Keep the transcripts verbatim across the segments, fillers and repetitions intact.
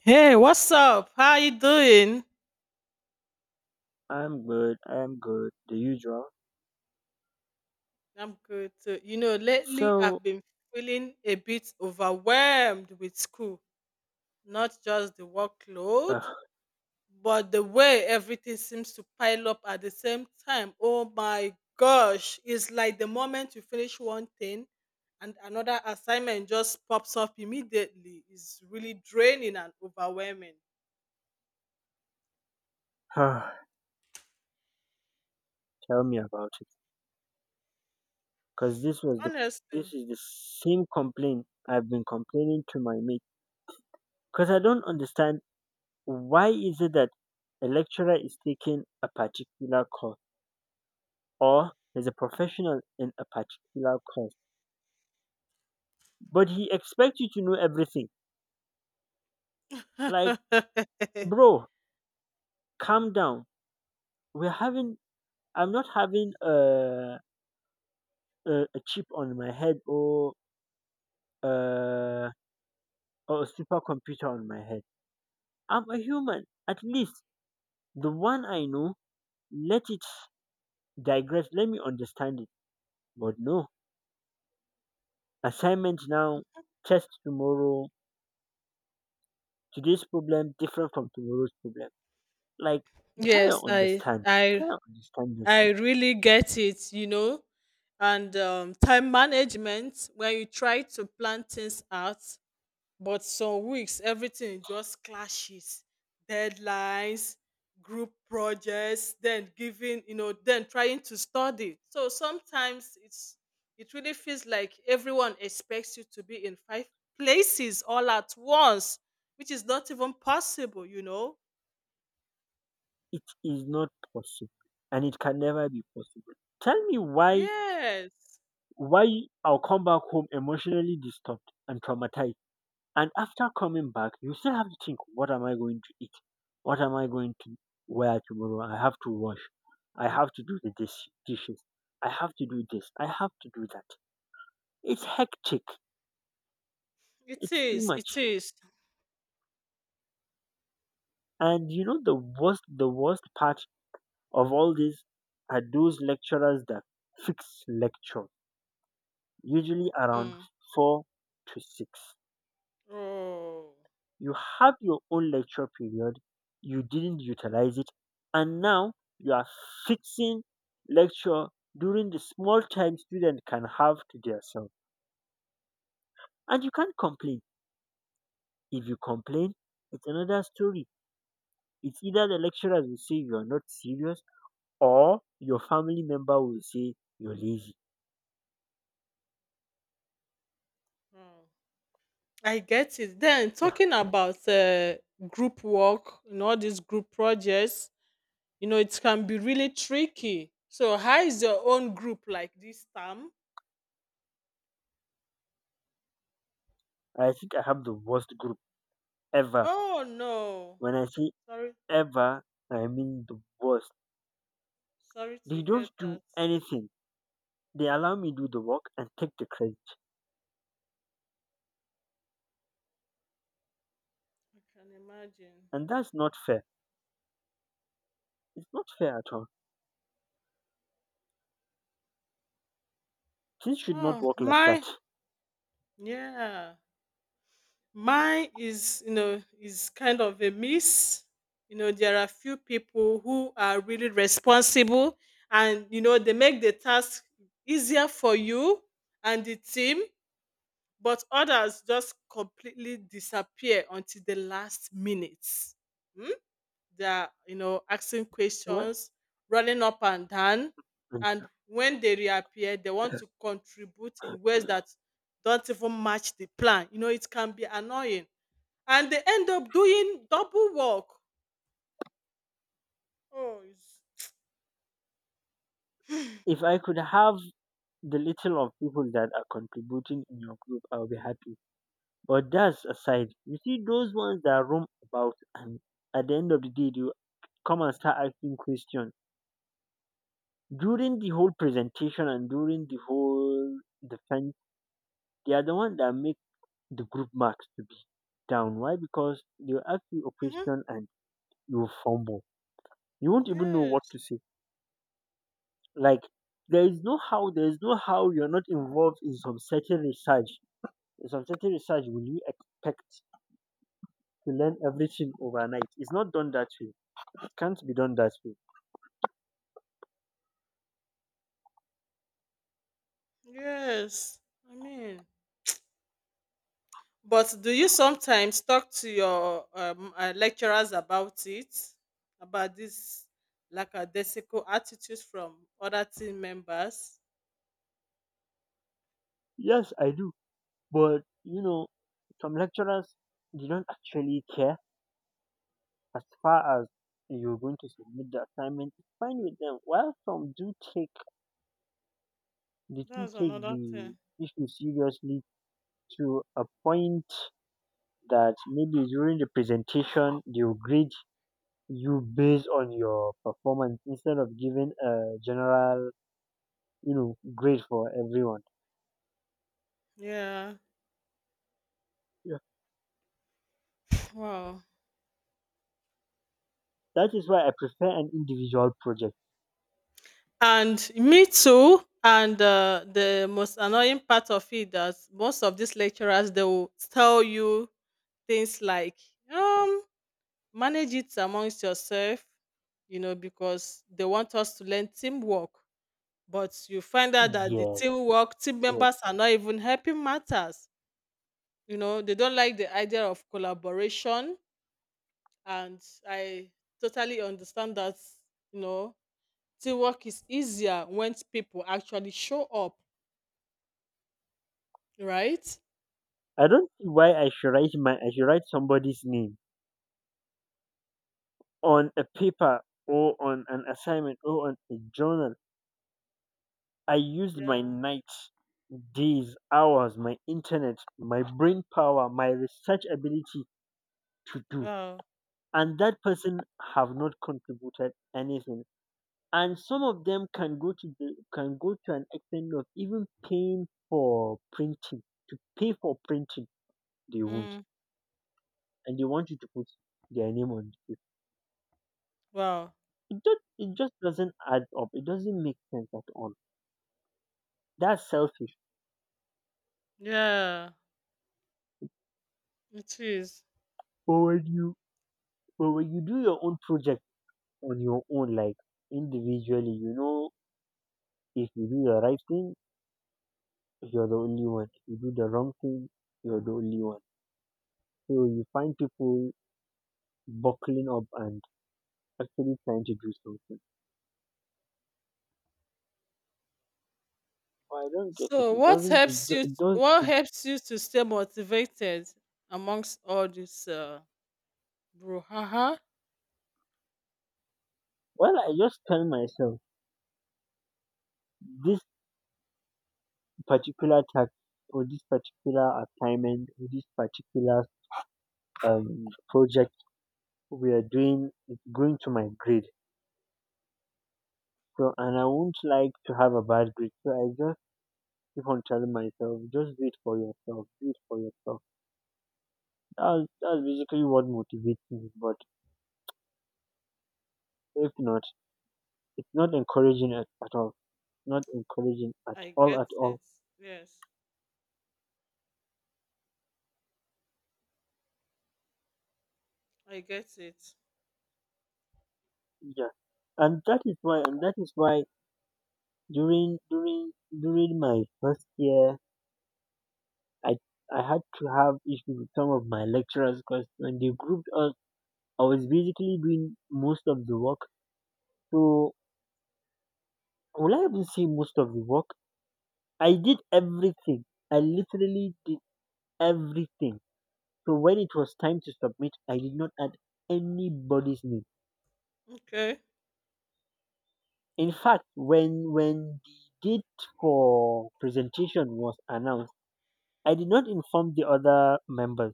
Hey, what's up? How you doing? I'm good. I'm good. The usual. I'm good too. You know, lately I've So, been feeling a bit overwhelmed with school, not just the workload, uh, but the way everything seems to pile up at the same time. Oh my gosh, it's like the moment you finish one thing and another assignment just pops up immediately. It's really draining and overwhelming. Tell me about it, cause this was the Honestly. this is the same complaint I've been complaining to my mate. Cause I don't understand why is it that a lecturer is taking a particular course or is a professional in a particular course, but he expects you to know everything. Like, bro, calm down. We're having. I'm not having a a, a chip on my head or. Uh, or a supercomputer on my head. I'm a human. At least the one I know, let it digress, let me understand it. But no, assignment now, test tomorrow, today's problem different from tomorrow's problem. Like, try to Yes, I understand. I Try to understand this I thing. really get it, you know. And um, time management, when you try to plan things out, but some weeks everything just clashes. Deadlines, group projects, then giving, you know, then trying to study. So sometimes it's it really feels like everyone expects you to be in five places all at once, which is not even possible, you know. It is not possible and it can never be possible. Tell me why Yes, why I'll come back home emotionally disturbed and traumatized. And after coming back, you still have to think, what am I going to eat? What am I going to wear tomorrow? I have to wash. I have to do the dish, dishes. I have to do this. I have to do that. It's hectic. it It's too is. It much. is. And you know the worst, the worst part of all this are those lecturers that fix lecture, usually around Mm. four to six. Oh, You have your own lecture period, you didn't utilize it, and now you are fixing lecture during the small time student can have to themselves. And you can't complain. If you complain, it's another story. It's either the lecturers will say you're not serious or your family member will say you're lazy. wow. I get it. Then Yeah, talking about uh, group work and all these group projects, you know, it can be really tricky. So, how is your own group like this time? I think I have the worst group ever. Oh no, When I say sorry, ever, I mean the worst. sorry to They hear don't do that. anything. They allow me do the work and take the credit. I can imagine. And that's not fair. It's not fair at all. Things should not Oh work like my, that. yeah. Mine is, you know, is kind of a miss. You know, there are few people who are really responsible and, you know, they make the task easier for you and the team, but others just completely disappear until the last minute. Hmm? They are, you know, asking Well, questions, running up and down. And And when they reappear, they want to contribute in ways that don't even match the plan. You know, it can be annoying and they end up doing double work. Oh, it's, If I could have the little of people that are contributing in your group, I'll be happy. But that's aside. You see those ones that roam about and at the end of the day you come and start asking questions. During the whole presentation and during the whole defense, they are the ones that make the group marks to be down. Why? Because they will ask you a Mhm. question and you will fumble. You won't even know what Yes, to say. Like there is no how there is no how you're not involved in some certain research. In some certain research, will you expect to learn everything overnight? It's not done that way. It can't be done that way. yes. I mean, but do you sometimes talk to your um, uh, lecturers about it, about this lackadaisical attitude from other team members? Yes, I do, but you know, some lecturers they don't actually care as far as you're going to submit the assignment. It's fine with them. While some do take they do That's take another the thing. issue seriously to a point that maybe during the presentation they'll grade you based on your performance instead of giving a general, you know, grade for everyone, Yeah. yeah. Wow. That is why I prefer an individual project. And me too. And uh, the most annoying part of it that most of these lecturers they will tell you things like um manage it amongst yourself, you know, because they want us to learn teamwork. But you find out that the Yes, teamwork team yes, members are not even helping matters. You know, they don't like the idea of collaboration, and I totally understand that. You know, teamwork is easier when people actually show up. Right? I don't see why i should write my I should write somebody's name on a paper or on an assignment or on a journal. I used my Yeah. nights, days, hours, my internet, my brain power, my research ability to do, Wow. and that person have not contributed anything. And some of them can go to the can go to an extent of even paying for printing to pay for printing they won't, Mm. and they want you to put their name on the paper. Wow. It just it just doesn't add up. It doesn't make sense at all. That's selfish. Yeah. It is. But when you but when you do your own project on your own, like individually, you know, if you do the right thing, you're the only one. If you do the wrong thing, you're the only one. So you find people buckling up and actually trying to do something. I don't get it. So It what doesn't. It, helps do- you it does. what It, helps you to stay motivated amongst all this uh brouhaha? well, I just tell myself this particular task or this particular assignment or this particular um project we are doing is going to my grade. So, and I won't like to have a bad grade. So I just keep on telling myself, just do it for yourself. Do it for yourself. That's that's basically what motivates me. But if not, it's not encouraging at, at all. Not encouraging at I all. get At it. all. Yes. I get it. Yeah, and that is why and that is why During during during my first year, I I had to have issues with some of my lecturers because when they grouped us, I was basically doing most of the work. So will I even say most of the work? I did everything. I literally did everything. So when it was time to submit, I did not add anybody's name. Okay. In fact, when when the date for presentation was announced, I did not inform the other members.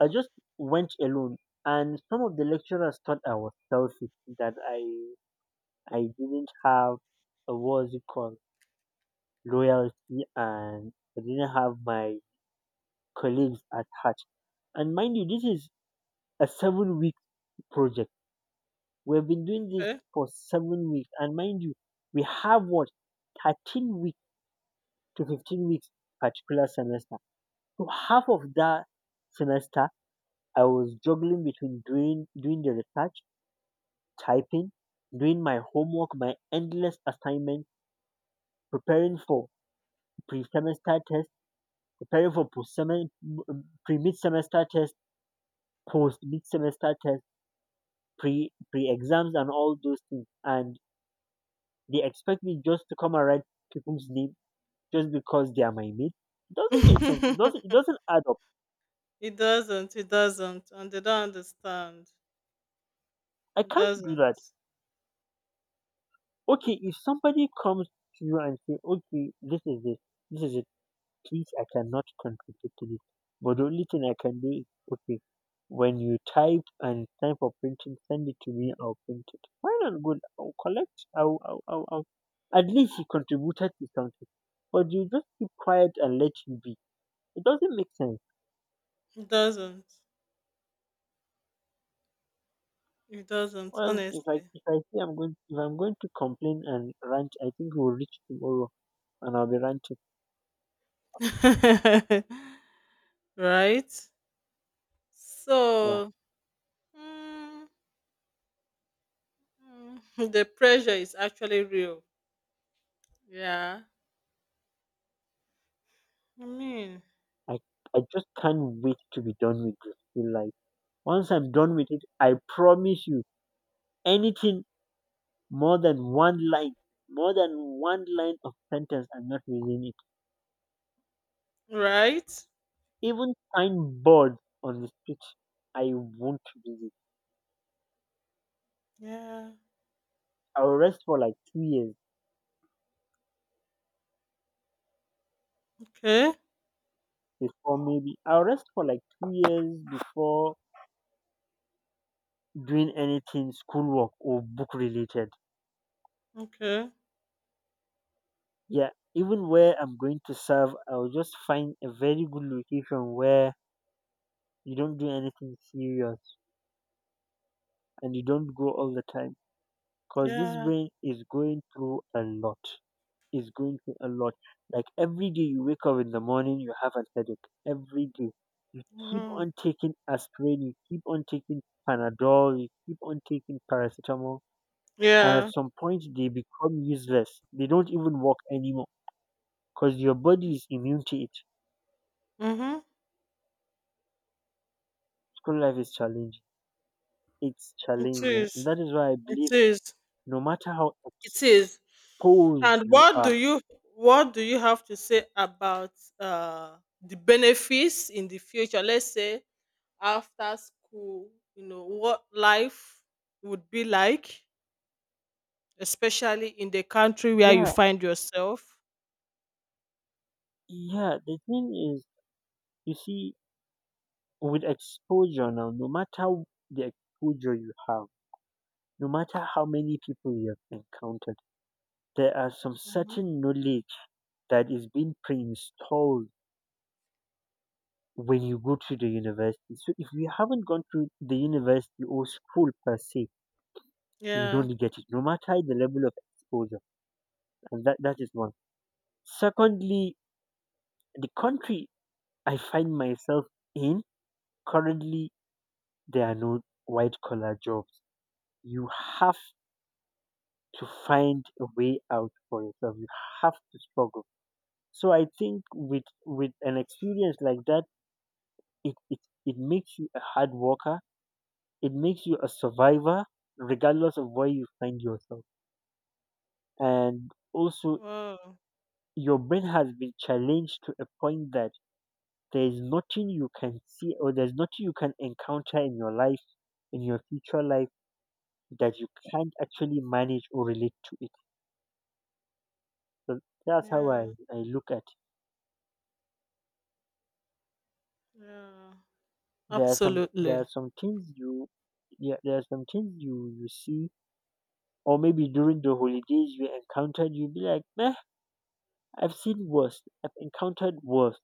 I just went alone, and some of the lecturers thought I was selfish that I I didn't have a what's it called loyalty, and I didn't have my colleagues at heart. And mind you, this is a seven week project. We've been doing this Okay. for seven weeks, and mind you, we have what, thirteen weeks to fifteen weeks particular semester. So half of that semester, I was juggling between doing doing the research, typing, doing my homework, my endless assignment, preparing for pre-semester test, preparing for post-semester, pre-mid-semester test, post-mid-semester test, pre pre-exams, and all those things. And they expect me just to come and write people's name just because they are my mate. It doesn't make sense. It doesn't. It doesn't add up. It doesn't. It doesn't. And they don't understand. I It can't do that. doesn't. Okay, if somebody comes to you and say, "Okay, this is this, this is it." Please, I cannot contribute to this. But the only thing I can do is, okay, when you type and it's time for printing, send it to me. I'll print it. Why not good? I'll collect. I'll, I'll, I'll, I'll. At least you contributed to something. But you just keep quiet and let you be. It doesn't make sense. It doesn't. It doesn't. Well, if I Honestly. if I say I'm going if I'm going to complain and rant, I think we'll reach tomorrow and I'll be ranting. Right. Yeah, So Mm, mm, the pressure is actually real. Yeah. I mean, I I just can't wait to be done with this. Feel like once I'm done with it, I promise you anything. More than one line, more than one line of sentence I'm not reading it. right? Even signboards on the street, I won't visit. Yeah. I'll rest for like two years Okay. before maybe. I'll rest for like two years before doing anything schoolwork or book related. Okay. Yeah, even where I'm going to serve, I'll just find a very good location where you don't do anything serious and you don't go all the time because this Yeah. brain is going through a lot. is going through a lot. Like every day you wake up in the morning, you have a headache. Every day. You keep Mhm. on taking aspirin, you keep on taking Panadol, you keep on taking paracetamol, and at Yeah. some point they become useless. They don't even work anymore because your body is immune to it. Mm-hmm. School life is challenging. It's It challenging. And is. that is why I It believe is. no matter how It is. exposed And you what do are, you what do you have to say about uh the benefits in the future? Let's say after school, you know, what life would be like, especially in the country where you yeah, find yourself? yeah, the thing is, you see, with exposure now, no matter the exposure you have, no matter how many people you have encountered, there are some Hmm. certain knowledge that is being pre-installed when you go to the university. So if you haven't gone to the university or school per se, you Yeah. don't get it, no matter the level of exposure. And that, that is one. Secondly, the country I find myself in, currently there are no white collar jobs. You have to find a way out for yourself. You have to struggle. So I think with with an experience like that, it it, it makes you a hard worker. It makes you a survivor, regardless of where you find yourself. And also, Wow. your brain has been challenged to a point that there is nothing you can see or there's nothing you can encounter in your life, in your future life, that you can't actually manage or relate to it. So that's how Yeah. I, I look at. Yeah. There are some there are Absolutely. some things you, yeah, there are some things you you see or maybe during the holidays you encountered you'll be like, meh, I've seen worse. I've encountered worse.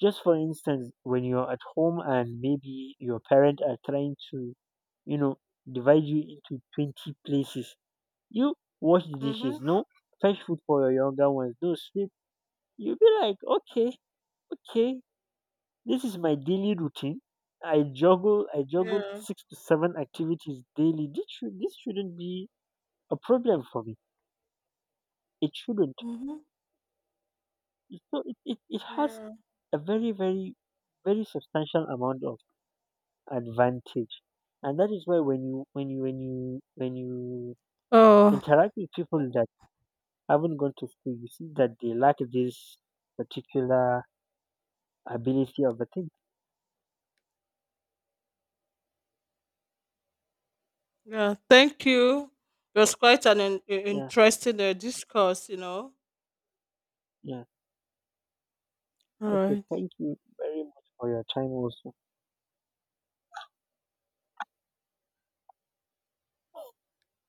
Just for instance, when you're at home and maybe your parents are trying to, you know, divide you into twenty places. You wash the Mm-hmm. dishes, no, fetch food for your younger ones, no sweep. You'll be like, okay, okay, this is my daily routine. I juggle I juggle Yeah. six to seven activities daily. This should this shouldn't be a problem for me. It shouldn't. Mm-hmm. So it, it, it has Yeah. a very very very substantial amount of advantage, and that is why when you when you when you when you Oh, interact with people that haven't gone to school, you see that they lack this particular ability of a thing. yeah, thank you. It was quite an, in- in- Yeah, interesting uh, discourse, you know. yeah. All Okay, right. thank you very much for your time also.